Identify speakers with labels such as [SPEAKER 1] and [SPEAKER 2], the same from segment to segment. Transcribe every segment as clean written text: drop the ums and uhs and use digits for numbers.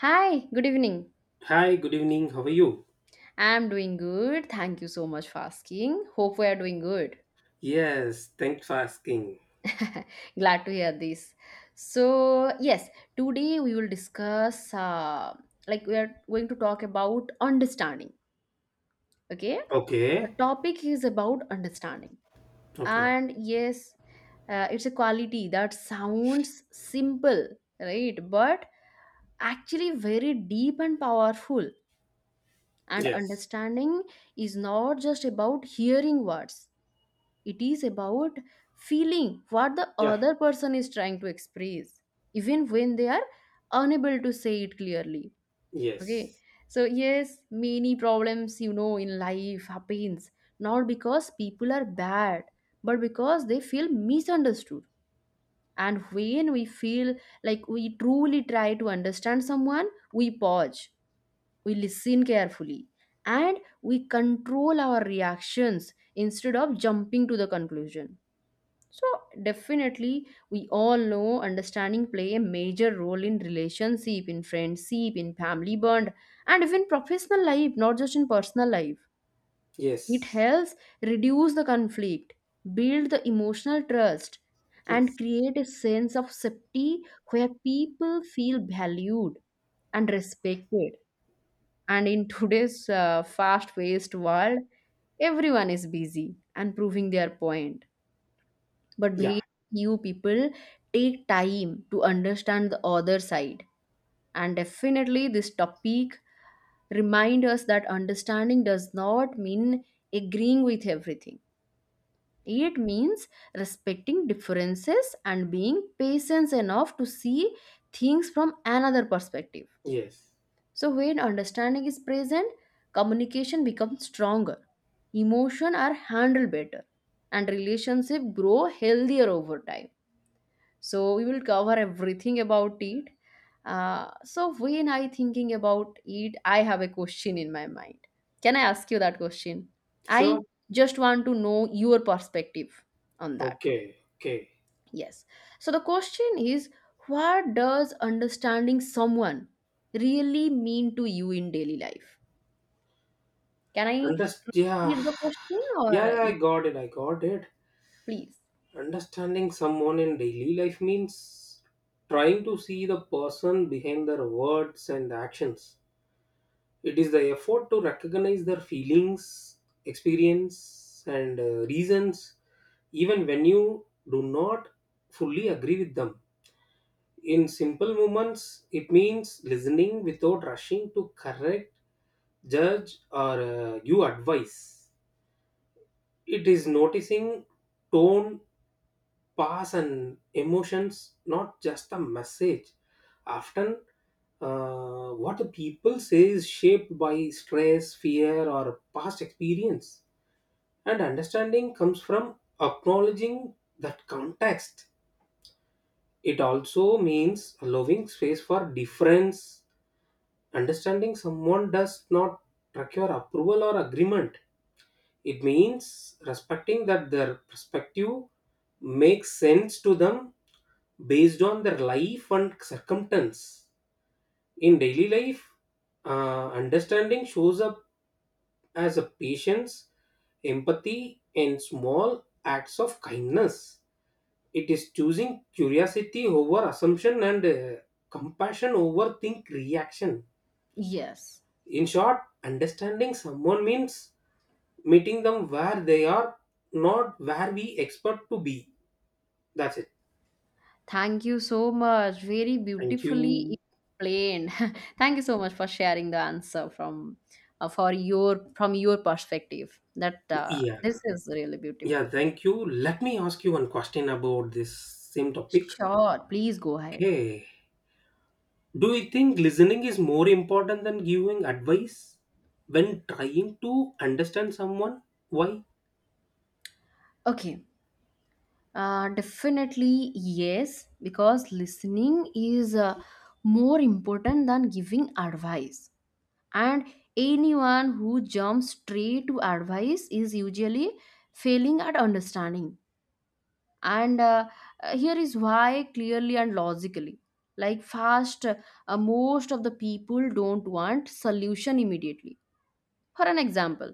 [SPEAKER 1] Hi, good evening.
[SPEAKER 2] Hi, good evening. How are you?
[SPEAKER 1] I'm doing good. Thank you so much for asking. Hope we are doing good.
[SPEAKER 2] Yes, thanks for asking.
[SPEAKER 1] Glad to hear this. So, yes, today we will discuss like we are going to talk about understanding. Okay? The
[SPEAKER 2] Okay.
[SPEAKER 1] topic is about understanding.
[SPEAKER 2] Okay.
[SPEAKER 1] And yes, it's a quality that sounds simple, right? But actually very deep and powerful. And
[SPEAKER 2] Yes.
[SPEAKER 1] understanding is not just about hearing words, it is about feeling what the
[SPEAKER 2] Yeah.
[SPEAKER 1] other person is trying to express, even when they are unable to say it clearly. Okay.
[SPEAKER 2] Yes.
[SPEAKER 1] So, yes, many problems, in life happens not because people are bad, but because they feel misunderstood. And when we feel like we truly try to understand someone, we pause, we listen carefully, and we control our reactions instead of jumping to the conclusion. So, definitely, we all know understanding play a major role in relationship, in friendship, in family bond, and even professional life, not just in personal life. It
[SPEAKER 2] Yes.
[SPEAKER 1] helps reduce the conflict, build the emotional trust, and
[SPEAKER 2] Yes.
[SPEAKER 1] create a sense of safety where people feel valued and respected. And in today's fast paced world, everyone is busy and proving their point. But
[SPEAKER 2] Yeah.
[SPEAKER 1] very few people take time to understand the other side. And definitely, this topic reminds us that understanding does not mean agreeing with everything. It means respecting differences and being patient enough to see things from another perspective.
[SPEAKER 2] Yes.
[SPEAKER 1] So, when understanding is present, communication becomes stronger, emotion are handled better, and relationship grow healthier over time. So, we will cover everything about it. So, when I thinking about it, I have a question in my mind. Can I ask you that question? I
[SPEAKER 2] Sure.
[SPEAKER 1] just want to know your perspective on that.
[SPEAKER 2] Okay. Okay.
[SPEAKER 1] Yes. So, the question is, what does understanding someone really mean to you in daily life? Can I
[SPEAKER 2] Yeah.
[SPEAKER 1] read the question
[SPEAKER 2] Yeah,
[SPEAKER 1] or
[SPEAKER 2] yeah, I
[SPEAKER 1] you
[SPEAKER 2] got it. I got it.
[SPEAKER 1] please?
[SPEAKER 2] Understanding someone in daily life means trying to see the person behind their words and actions. It is the effort to recognize their feelings, experience, and reasons, even when you do not fully agree with them. In simple moments, it means listening without rushing to correct, judge, or give advice. It is noticing tone, pass, and emotions, not just a message. Often, what the people say is shaped by stress, fear, or past experience. And understanding comes from acknowledging that context. It also means allowing space for difference. Understanding someone does not require approval or agreement. It means respecting that their perspective makes sense to them based on their life and circumstance. In daily life, understanding shows up as a patience, empathy, and small acts of kindness. It is choosing curiosity over assumption and compassion over think reaction.
[SPEAKER 1] Yes.
[SPEAKER 2] In short, understanding someone means meeting them where they are, not where we expect to be. That's it.
[SPEAKER 1] Thank you so much. Very
[SPEAKER 2] Thank
[SPEAKER 1] beautifully
[SPEAKER 2] you.
[SPEAKER 1] explained. Thank you so much for sharing the answer from your perspective. That
[SPEAKER 2] Yeah.
[SPEAKER 1] This is really
[SPEAKER 2] Yeah,
[SPEAKER 1] beautiful.
[SPEAKER 2] thank you. Let me ask you one question about this same topic.
[SPEAKER 1] Sure, please go ahead.
[SPEAKER 2] Okay. Do you think listening is more important than giving advice when trying to understand someone? Why?
[SPEAKER 1] Okay. Definitely yes, because listening is more important than giving advice. And anyone who jumps straight to advice is usually failing at understanding, and here is why clearly and logically. Like, fast, most of the people don't want solution immediately. For an example,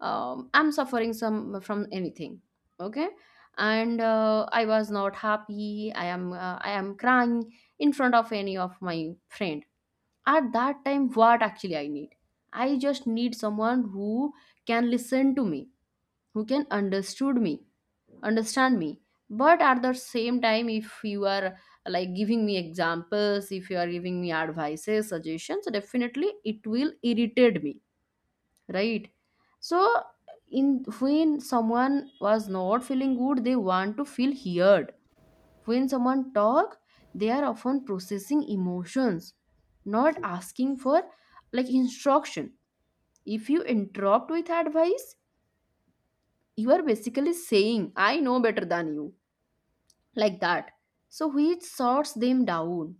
[SPEAKER 1] I'm suffering some from anything. Okay. And I was not happy, I am crying in front of any of my friend. At that time, what actually I need, I just need someone who can listen to me, who can understood me understand me. But at the same time, if you are like giving me examples, if you are giving me advices, suggestions, definitely it will irritate me, right? So, in when someone was not feeling good, they want to feel heard. When someone talk, they are often processing emotions, not asking for like instruction. If you interrupt with advice, you are basically saying, I know better than you, like that. So which sorts them down.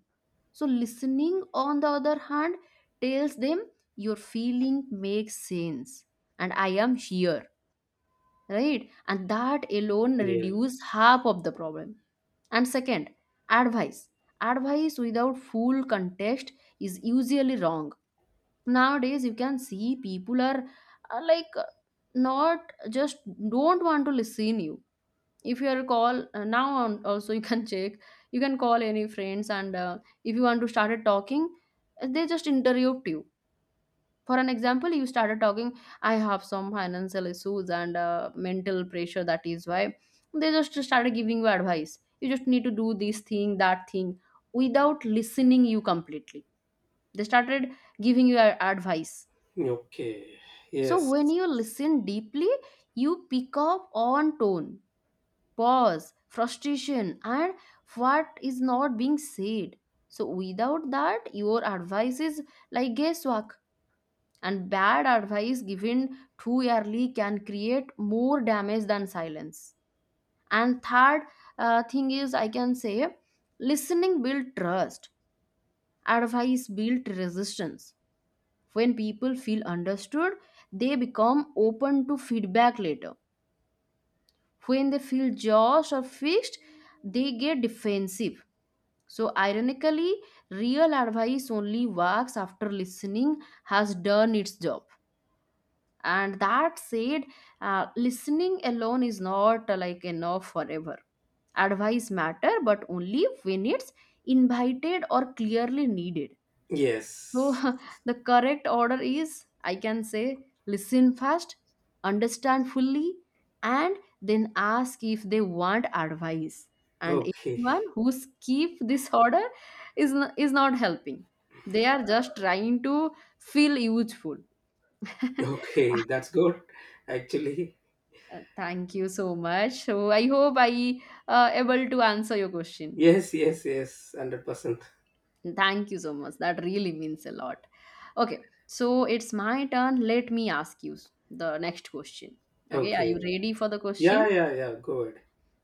[SPEAKER 1] So listening on the other hand tells them your feeling makes sense and I am here, right? And that alone
[SPEAKER 2] Yeah.
[SPEAKER 1] reduce half of the problem. And second, advice advice without full context is usually wrong. Nowadays you can see people are like not just don't want to listen you. If you are call now on, also you can check, you can call any friends. And if you want to start talking, they just interrupt you. For an example, you started talking, I have some financial issues and mental pressure, that is why. They just started giving you advice. You just need to do this thing, that thing, without listening you completely. They started giving you advice.
[SPEAKER 2] Okay.
[SPEAKER 1] So
[SPEAKER 2] Yes.
[SPEAKER 1] when you listen deeply, you pick up on tone, pause, frustration, and what is not being said. So without that, your advice is like guesswork, and bad advice given too early can create more damage than silence. And third, thing is, I can say, listening builds trust, advice builds resistance. When people feel understood, they become open to feedback later. When they feel judged or fixed, they get defensive. So ironically, real advice only works after listening has done its job. And that said, listening alone is not like enough forever. Advice matter, but only when it's invited or clearly needed. So
[SPEAKER 2] Yes.
[SPEAKER 1] the correct order is, I can say, listen first, understand fully, and then ask if they want advice. And
[SPEAKER 2] Okay.
[SPEAKER 1] anyone who skip this order is not helping. They are just trying to feel useful.
[SPEAKER 2] Okay. That's good. Actually.
[SPEAKER 1] Thank you so much. So I hope I able to answer your question.
[SPEAKER 2] Yes. Yes. Yes. 100%.
[SPEAKER 1] Thank you so much. That really means a lot. Okay, so it's my turn. Let me ask you the next question. Okay, are you
[SPEAKER 2] Okay.
[SPEAKER 1] ready for the
[SPEAKER 2] Yeah.
[SPEAKER 1] question?
[SPEAKER 2] Yeah. Yeah. Good.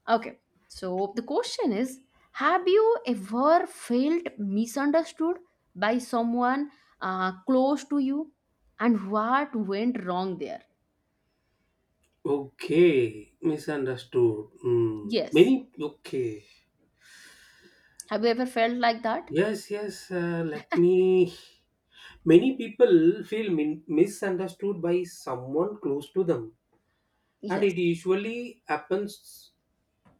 [SPEAKER 1] Okay, so the question is: have you ever felt misunderstood by someone close to you, and what went wrong there?
[SPEAKER 2] Okay. Misunderstood. Hmm.
[SPEAKER 1] Yes.
[SPEAKER 2] Many. Okay.
[SPEAKER 1] Have you ever felt like that?
[SPEAKER 2] Yes. Yes. Let me. Many people feel misunderstood by someone close to them, and it
[SPEAKER 1] Yes.
[SPEAKER 2] usually happens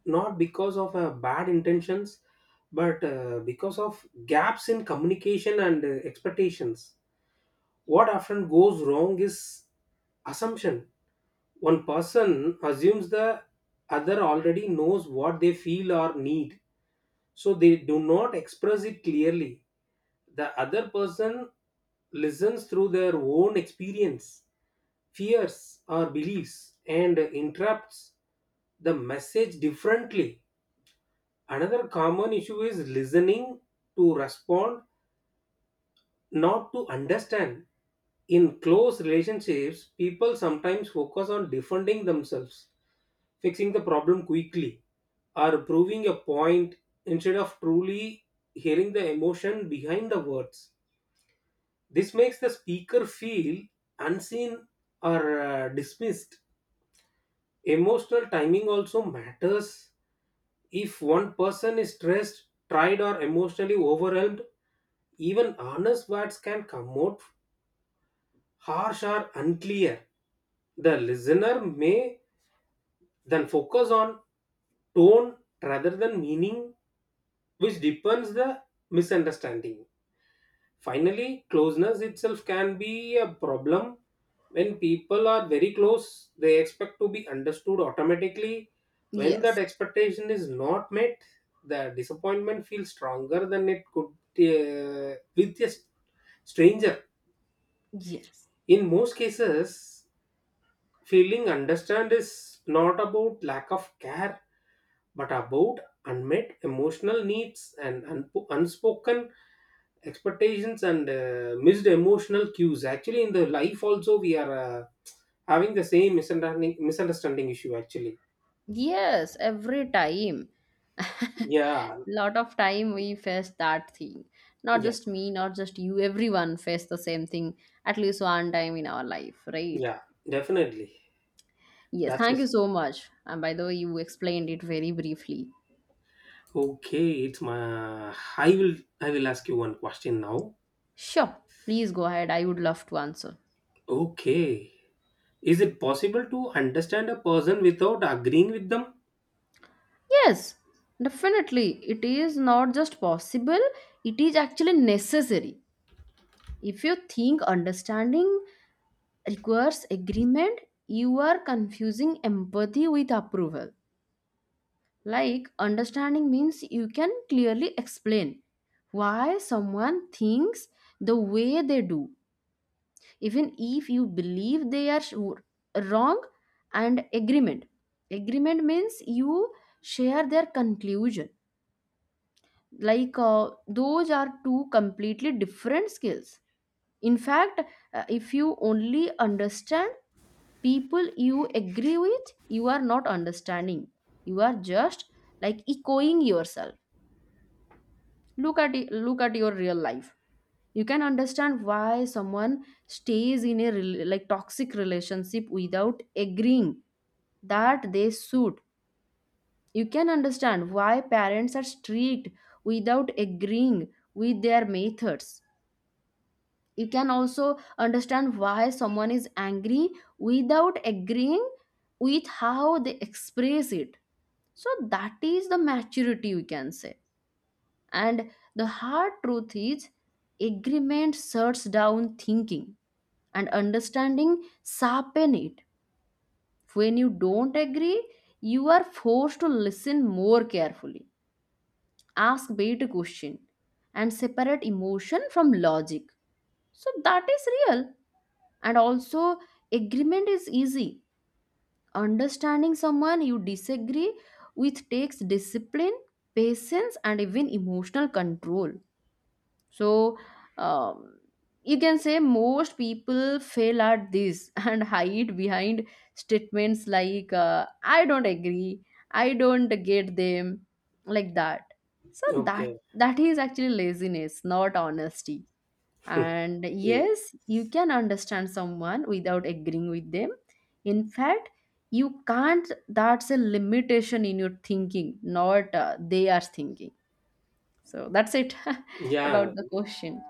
[SPEAKER 2] not because of bad intentions but because of gaps in communication and expectations. What often goes wrong is assumption. One person assumes the other already knows what they feel or need, so they do not express it clearly. The other person listens through their own experience, fears, or beliefs and interrupts the message differently. Another common issue is listening to respond, not to understand. In close relationships, people sometimes focus on defending themselves, fixing the problem quickly, or proving a point instead of truly hearing the emotion behind the words. This makes the speaker feel unseen or dismissed. Emotional timing also matters. If one person is stressed, tried, or emotionally overwhelmed, even honest words can come out harsh or unclear. The listener may then focus on tone rather than meaning, which deepens the misunderstanding. Finally, closeness itself can be a problem. When people are very close, they expect to be understood automatically. When that
[SPEAKER 1] Yes.
[SPEAKER 2] expectation is not met, the disappointment feels stronger than it could with a stranger.
[SPEAKER 1] Yes.
[SPEAKER 2] In most cases, feeling understand is not about lack of care, but about unmet emotional needs and unspoken expectations and missed emotional cues. Actually, in the life also, we are having the same misunderstanding issue. Actually,
[SPEAKER 1] Yes, every time.
[SPEAKER 2] yeah,
[SPEAKER 1] Lot of time we face that thing. Not
[SPEAKER 2] yeah,
[SPEAKER 1] just me, not just you, everyone face the same thing at least one time in our life, right?
[SPEAKER 2] yeah, definitely.
[SPEAKER 1] Yes,
[SPEAKER 2] That's
[SPEAKER 1] thank
[SPEAKER 2] it.
[SPEAKER 1] you so much. And by the way, you explained it very briefly.
[SPEAKER 2] Okay, it's my. I will. I will ask you one question now.
[SPEAKER 1] Sure, please go ahead. I would love to answer.
[SPEAKER 2] Okay. Is it possible to understand a person without agreeing with them?
[SPEAKER 1] Yes, definitely. It is not just possible, it is actually necessary. If you think understanding requires agreement, you are confusing empathy with approval. Like, understanding means you can clearly explain why someone thinks the way they do, even if you believe they are wrong. And agreement. Agreement means you share their conclusion. Like, those are two completely different skills. In fact, if you only understand people you agree with, you are not understanding. You are just like echoing yourself. Look at it, look at your real life. You can understand why someone stays in a like toxic relationship without agreeing that they should. You can understand why parents are strict without agreeing with their methods. You can also understand why someone is angry without agreeing with how they express it. So that is the maturity, we can say. And the hard truth is, agreement shuts down thinking, and understanding sharpen it. When you don't agree, you are forced to listen more carefully, ask better question, and separate emotion from logic. So that is real. And also, agreement is easy. Understanding someone you disagree with takes discipline, patience, and even emotional control. So um, you can say most people fail at this and hide behind statements like, I don't agree, I don't get them, like that. So that
[SPEAKER 2] Okay.
[SPEAKER 1] that is actually laziness, not honesty. And
[SPEAKER 2] Yes.
[SPEAKER 1] yes, you can understand someone without agreeing with them. In fact, you can't. That's a limitation in your thinking, not they are thinking. So that's it
[SPEAKER 2] Yeah.
[SPEAKER 1] about the question.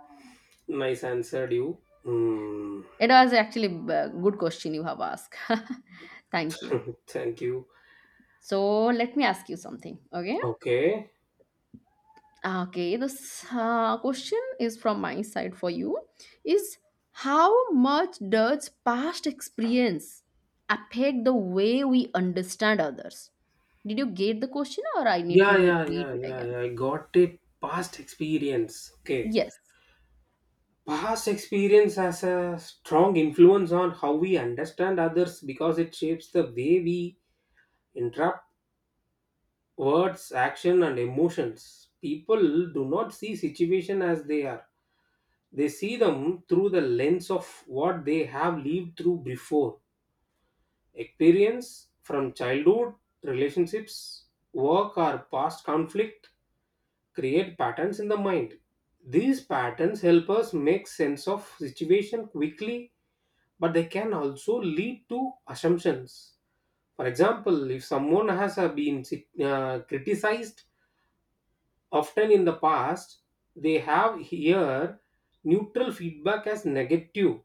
[SPEAKER 2] Nice answered you. Hmm.
[SPEAKER 1] It was actually a good question you have asked. Thank you.
[SPEAKER 2] Thank you.
[SPEAKER 1] So let me ask you something. Okay.
[SPEAKER 2] Okay.
[SPEAKER 1] Okay. This question is from my side for you. Is How much does past experience affect the way we understand others? Did you get the question, or I need to
[SPEAKER 2] Yeah, yeah,
[SPEAKER 1] repeat
[SPEAKER 2] yeah,
[SPEAKER 1] it
[SPEAKER 2] yeah,
[SPEAKER 1] again?
[SPEAKER 2] yeah. I got a past experience. Okay.
[SPEAKER 1] Yes.
[SPEAKER 2] Past experience has a strong influence on how we understand others because it shapes the way we interpret words, action, and emotions. People do not see situation as they are. They see them through the lens of what they have lived through before. Experience from childhood, relationships, work, or past conflict create patterns in the mind. These patterns help us make sense of situation quickly, but they can also lead to assumptions. For example, if someone has been criticized often in the past, they have here neutral feedback as negative.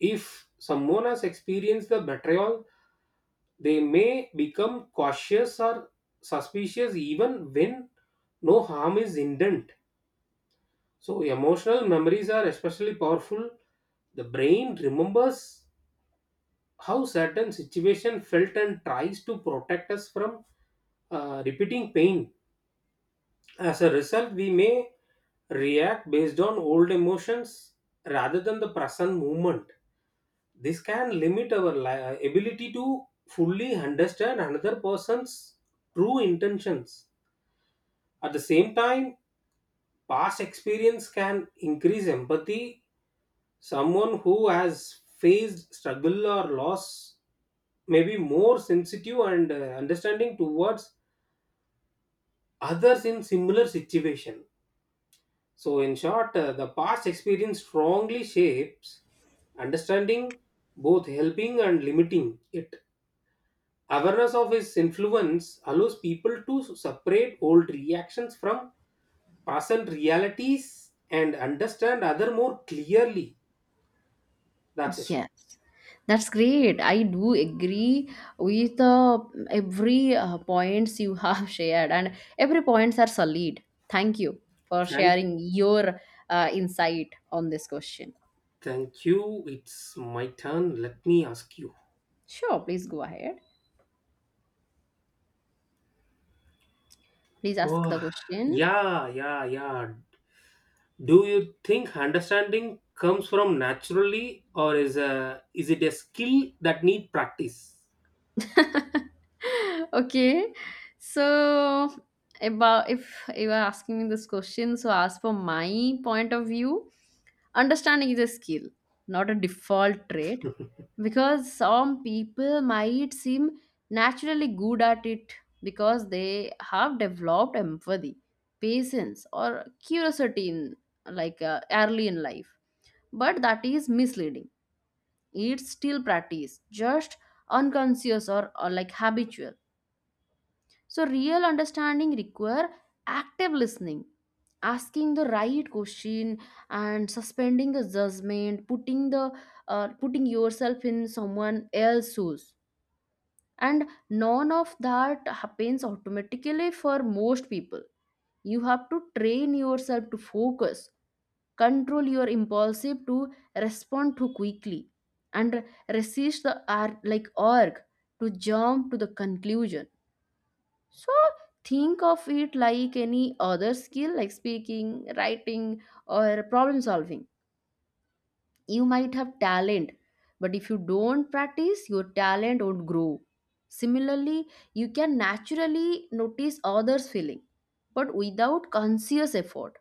[SPEAKER 2] If someone has experienced the betrayal, they may become cautious or suspicious even when no harm is intent. So, emotional memories are especially powerful. The brain remembers how certain situation felt and tries to protect us from repeating pain. As a result, we may react based on old emotions rather than the present moment. This can limit our ability to fully understand another person's true intentions. At the same time, past experience can increase empathy. Someone who has faced struggle or loss may be more sensitive and understanding towards others in similar situation. So, in short, the past experience strongly shapes understanding, both helping and limiting it. Awareness of his influence allows people to separate old reactions from present realities and understand other more clearly. That's it.
[SPEAKER 1] Yes, that's great. I do agree with every points you have shared, and every points are solid. Thank you for
[SPEAKER 2] Thank,
[SPEAKER 1] sharing your insight on this question.
[SPEAKER 2] thank you. It's my turn. Let me ask you.
[SPEAKER 1] Sure, please go ahead. Please ask
[SPEAKER 2] Oh,
[SPEAKER 1] the question.
[SPEAKER 2] yeah. Do you think understanding comes from naturally, or is it a skill that need practice?
[SPEAKER 1] Okay. So about, if you are asking me this question, so as for my point of view, understanding is a skill, not a default trait. Because some people might seem naturally good at it because they have developed empathy, patience, or curiosity in like early in life. But that is misleading, it's still practice, just unconscious or like habitual. So real understanding require active listening, asking the right question, and suspending the judgment, putting yourself in someone else's shoes. And none of that happens automatically for most people. You have to train yourself to focus, control your impulsive to respond too quickly, and resist the urge to jump to the conclusion. So think of it like any other skill, like speaking, writing, or problem solving. You might have talent, but if you don't practice your talent won't grow. Similarly, you can naturally notice others feeling, but without conscious effort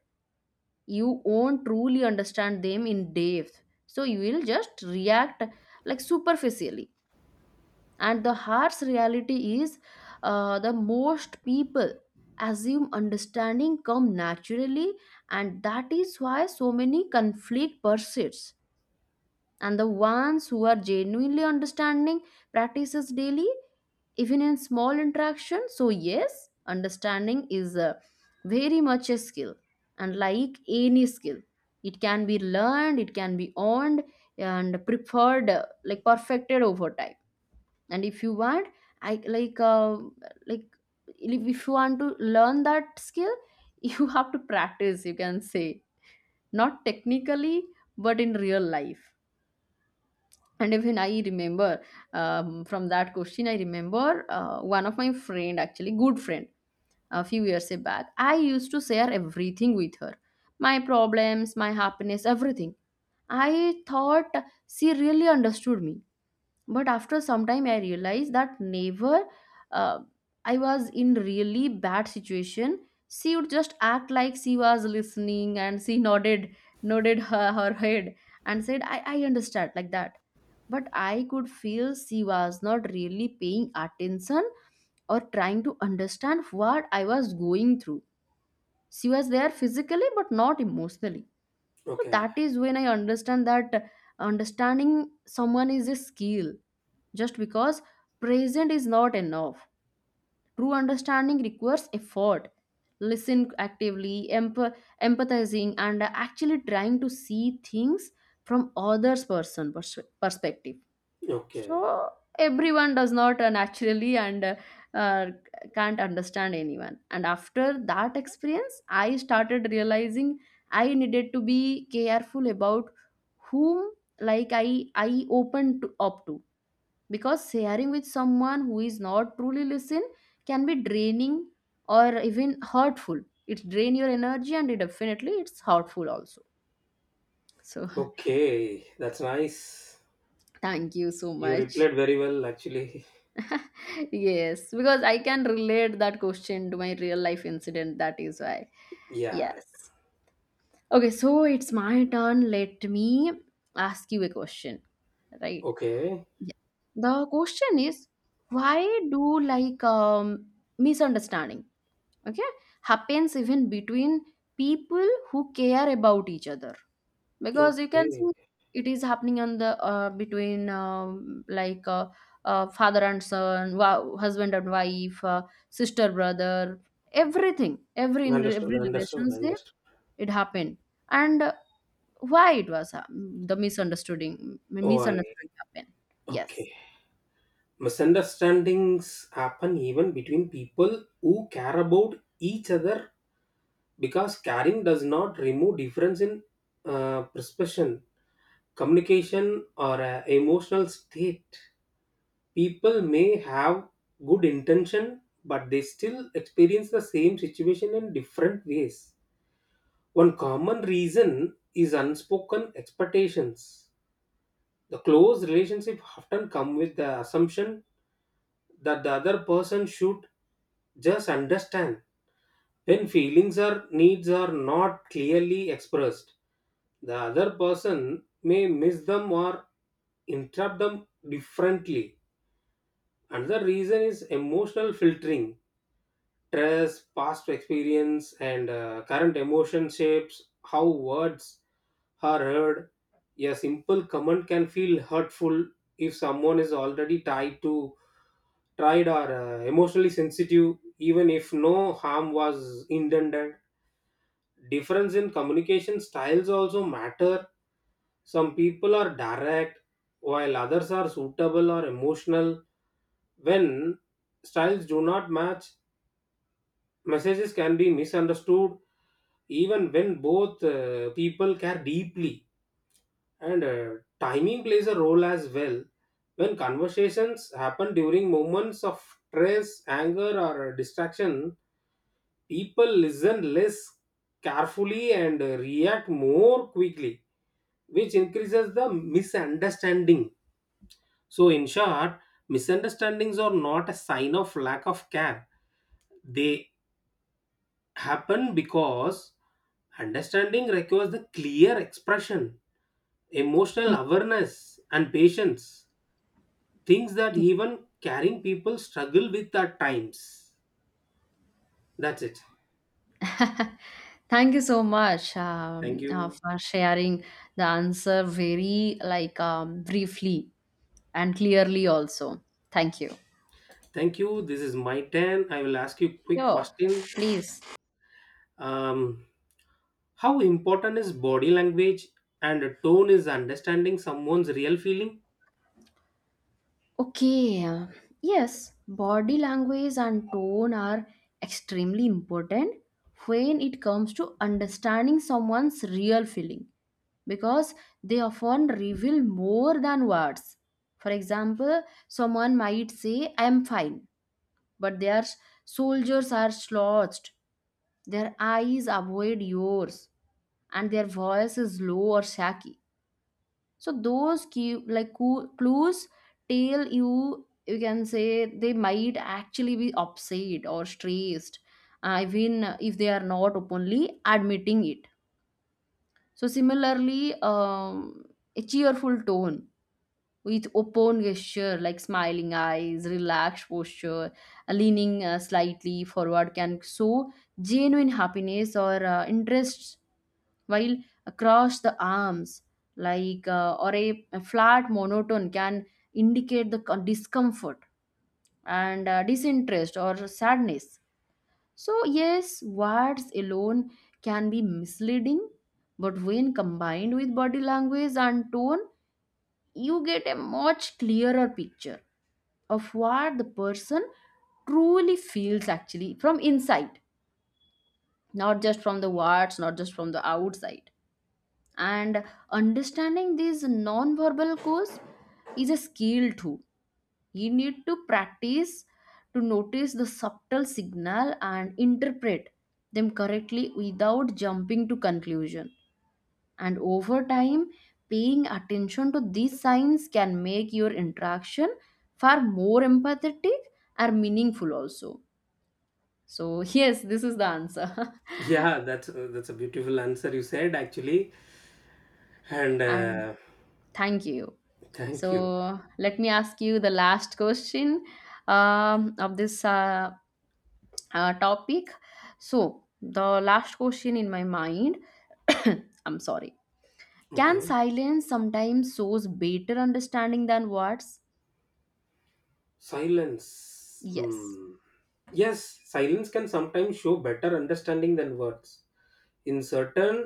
[SPEAKER 1] you won't truly understand them in depth. So you will just react, like, superficially. And the harsh reality is, the most people assume understanding come naturally, and that is why so many conflict persists. And the ones who are genuinely understanding practices daily, even in small interaction. So yes, understanding is a very much a skill, and like any skill it can be learned, it can be owned, and preferred like perfected over time. And if you want I like if you want to learn that skill you have to practice, you can say, not technically but in real life. And even I remember, from that question, I remember one of my friend, actually good friend, a few years back. I used to share everything with her: my problems, my happiness, everything. I thought she really understood me, but after some time I realized that never. uh, I was in really bad situation. She would just act like she was listening, and she nodded her head, and said, "I understand," like that, but I could feel she was not really paying attention or trying to understand what I was going through. She was there physically but not emotionally. So
[SPEAKER 2] Okay,
[SPEAKER 1] that is when I understand that understanding someone is a skill. Just because present is not enough. True understanding requires effort. Listen actively, empathizing, and actually trying to see things from others' perspective.
[SPEAKER 2] okay,
[SPEAKER 1] So everyone does not naturally and uh, can't understand anyone. And after that experience, I started realizing I needed to be careful about whom, like I open to, up to, because sharing with someone who is not truly listen can be draining or even hurtful. It drain your energy and it definitely it's hurtful also. So
[SPEAKER 2] okay. That's nice.
[SPEAKER 1] thank you so
[SPEAKER 2] You
[SPEAKER 1] much.
[SPEAKER 2] replied very well, actually.
[SPEAKER 1] Yes, because I can relate that question to my real life incident. That is why.
[SPEAKER 2] Yeah.
[SPEAKER 1] Yes. Okay, so it's my turn. Let me ask you a question. Right.
[SPEAKER 2] Okay.
[SPEAKER 1] Yeah. The question is, why do like misunderstanding, okay, happens even between people who care about each other? Because you can
[SPEAKER 2] Okay.
[SPEAKER 1] see it is happening on the between like father and son, husband and wife, sister brother, everything, every in
[SPEAKER 2] Understood.
[SPEAKER 1] every
[SPEAKER 2] Understood.
[SPEAKER 1] relationship,
[SPEAKER 2] Understood.
[SPEAKER 1] it happened. And why it was the misunderstanding
[SPEAKER 2] Oh, I
[SPEAKER 1] misunderstanding happened? Yes.
[SPEAKER 2] Okay. Misunderstandings happen even between people who care about each other because caring does not remove difference in perception, communication, or emotional state. People may have good intention, but they still experience the same situation in different ways. One common reason is unspoken expectations. The close relationship often come with the assumption that the other person should just understand. When feelings or needs are not clearly expressed, the other person may miss them or interpret them differently. Another reason is emotional filtering. Stress, past experience, and current emotion shapes how words are heard. A simple comment can feel hurtful if someone is already tied to tried or emotionally sensitive even if no harm was intended. Difference in communication styles also matter. Some people are direct, while others are suitable or emotional. When styles do not match, messages can be misunderstood even when both people care deeply. And timing plays a role as well. When conversations happen during moments of stress, anger, or distraction, people listen less carefully and react more quickly, which increases the misunderstanding. So, in short, misunderstandings are not a sign of lack of care, they happen because understanding requires the clear expression, emotional awareness, and patience, things that even caring people struggle with at times. That's it.
[SPEAKER 1] Yeah. Thank you so much
[SPEAKER 2] Thank you.
[SPEAKER 1] for sharing the answer very like briefly and clearly also. Thank you.
[SPEAKER 2] Thank you. This is my turn. I will ask you a quick
[SPEAKER 1] Sure,
[SPEAKER 2] question.
[SPEAKER 1] please.
[SPEAKER 2] Um, how important is body language and tone is understanding someone's real feeling?
[SPEAKER 1] Okay, yes, body language and tone are extremely important when it comes to understanding someone's real feeling, because they often reveal more than words. For example, someone might say, "I am fine," but their soldiers are slouched, their eyes avoid yours, and their voice is low or shaky. So those key like clues tell you, you can say, they might actually be upset or stressed, even if they are not openly admitting it. So similarly, a cheerful tone with open gesture, like smiling eyes, relaxed posture, leaning slightly forward, can show genuine happiness or interest, while across the arms, or a flat monotone, can indicate the discomfort and disinterest or sadness. So yes, words alone can be misleading, but when combined with body language and tone, you get a much clearer picture of what the person truly feels, actually from inside, not just from the words, not just from the outside. And understanding these non-verbal cues is a skill too. You need to practice to notice the subtle signal and interpret them correctly without jumping to conclusion. And over time, paying attention to these signs can make your interaction far more empathetic and meaningful also. So yes, this is the answer.
[SPEAKER 2] Yeah, that's a beautiful answer you said actually, and
[SPEAKER 1] And thank you.
[SPEAKER 2] thank you.
[SPEAKER 1] So let me ask you the last question, of this topic. So the last question in my mind, I'm sorry. Can
[SPEAKER 2] Okay,
[SPEAKER 1] silence sometimes shows better understanding than words?
[SPEAKER 2] silence.
[SPEAKER 1] Yes.
[SPEAKER 2] Hmm. Yes, silence can sometimes show better understanding than words. In certain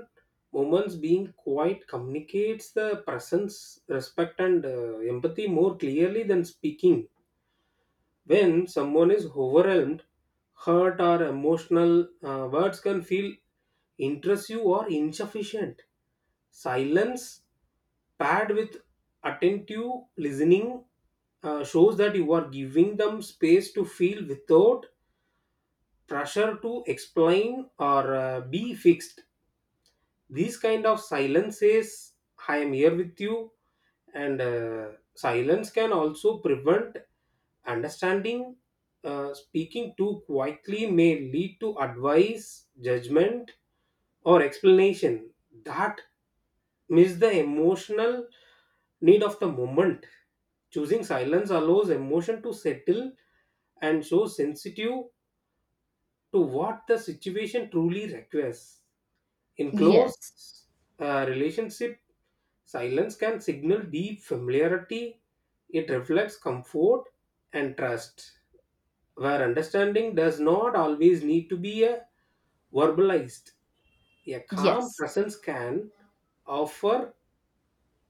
[SPEAKER 2] moments, being quiet communicates the presence, respect, and empathy more clearly than speaking. When someone is overwhelmed, hurt, or emotional, words can feel intrusive or insufficient. Silence paired with attentive listening shows that you are giving them space to feel without pressure to explain or be fixed. These kind of silences, I am here with you. And silence can also prevent understanding. Speaking too quietly may lead to advice, judgment, or explanation that miss the emotional need of the moment. Choosing silence allows emotion to settle and show sensitive to what the situation truly requires. In close
[SPEAKER 1] Yes.
[SPEAKER 2] relationship, silence can signal deep familiarity. It reflects comfort and trust, where understanding does not always need to be a verbalized. A calm
[SPEAKER 1] Yes.
[SPEAKER 2] presence can offer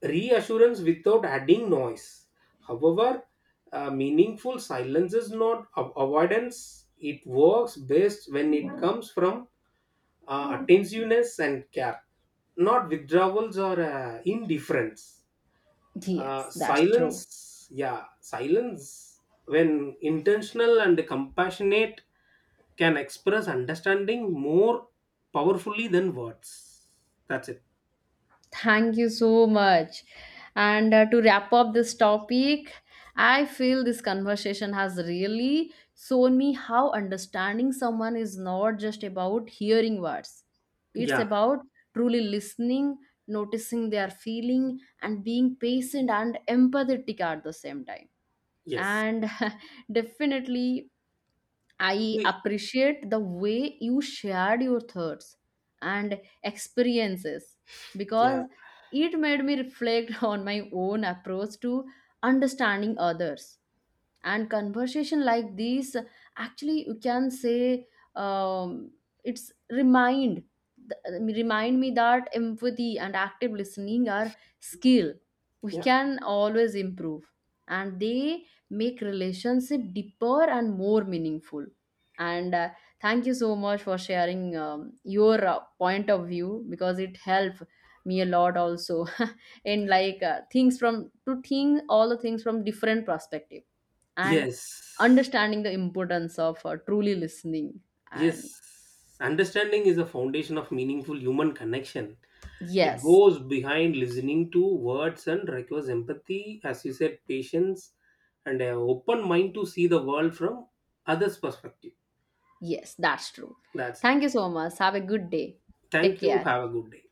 [SPEAKER 2] reassurance without adding noise. However, meaningful silence is not avoidance. It works best when it comes from attentiveness and care, not withdrawals or indifference.
[SPEAKER 1] Yes. That's
[SPEAKER 2] Silence
[SPEAKER 1] true.
[SPEAKER 2] Yeah, silence, when intentional and compassionate, can express understanding more powerfully than words. That's it.
[SPEAKER 1] Thank you so much. And to wrap up this topic, I feel this conversation has really shown me how understanding someone is not just about hearing words, it's
[SPEAKER 2] Yeah.
[SPEAKER 1] about truly listening, noticing their feeling, and being patient and empathetic at the same time.
[SPEAKER 2] Yes.
[SPEAKER 1] And definitely, I
[SPEAKER 2] We-
[SPEAKER 1] appreciate the way you shared your thoughts and experiences,
[SPEAKER 2] yeah.
[SPEAKER 1] because it made me reflect on my own approach to understanding others, and conversation like these, actually you can say, um, it's remind remind me that empathy and active listening are skill we
[SPEAKER 2] yeah
[SPEAKER 1] can always improve, and they make relationship deeper and more meaningful. And thank you so much for sharing your point of view, because it helped me a lot also in like things from to think all the things from different perspective. And
[SPEAKER 2] yes.
[SPEAKER 1] understanding the importance of truly listening. And
[SPEAKER 2] Yes, understanding is a foundation of meaningful human connection. It
[SPEAKER 1] yes,
[SPEAKER 2] goes behind listening to words and requires empathy, as you said, patience, and an open mind to see the world from others perspective.
[SPEAKER 1] yes, that's true.
[SPEAKER 2] That's
[SPEAKER 1] Thank
[SPEAKER 2] it.
[SPEAKER 1] you so much. Have a good day. Take
[SPEAKER 2] Thank you.
[SPEAKER 1] care.
[SPEAKER 2] Have a good day.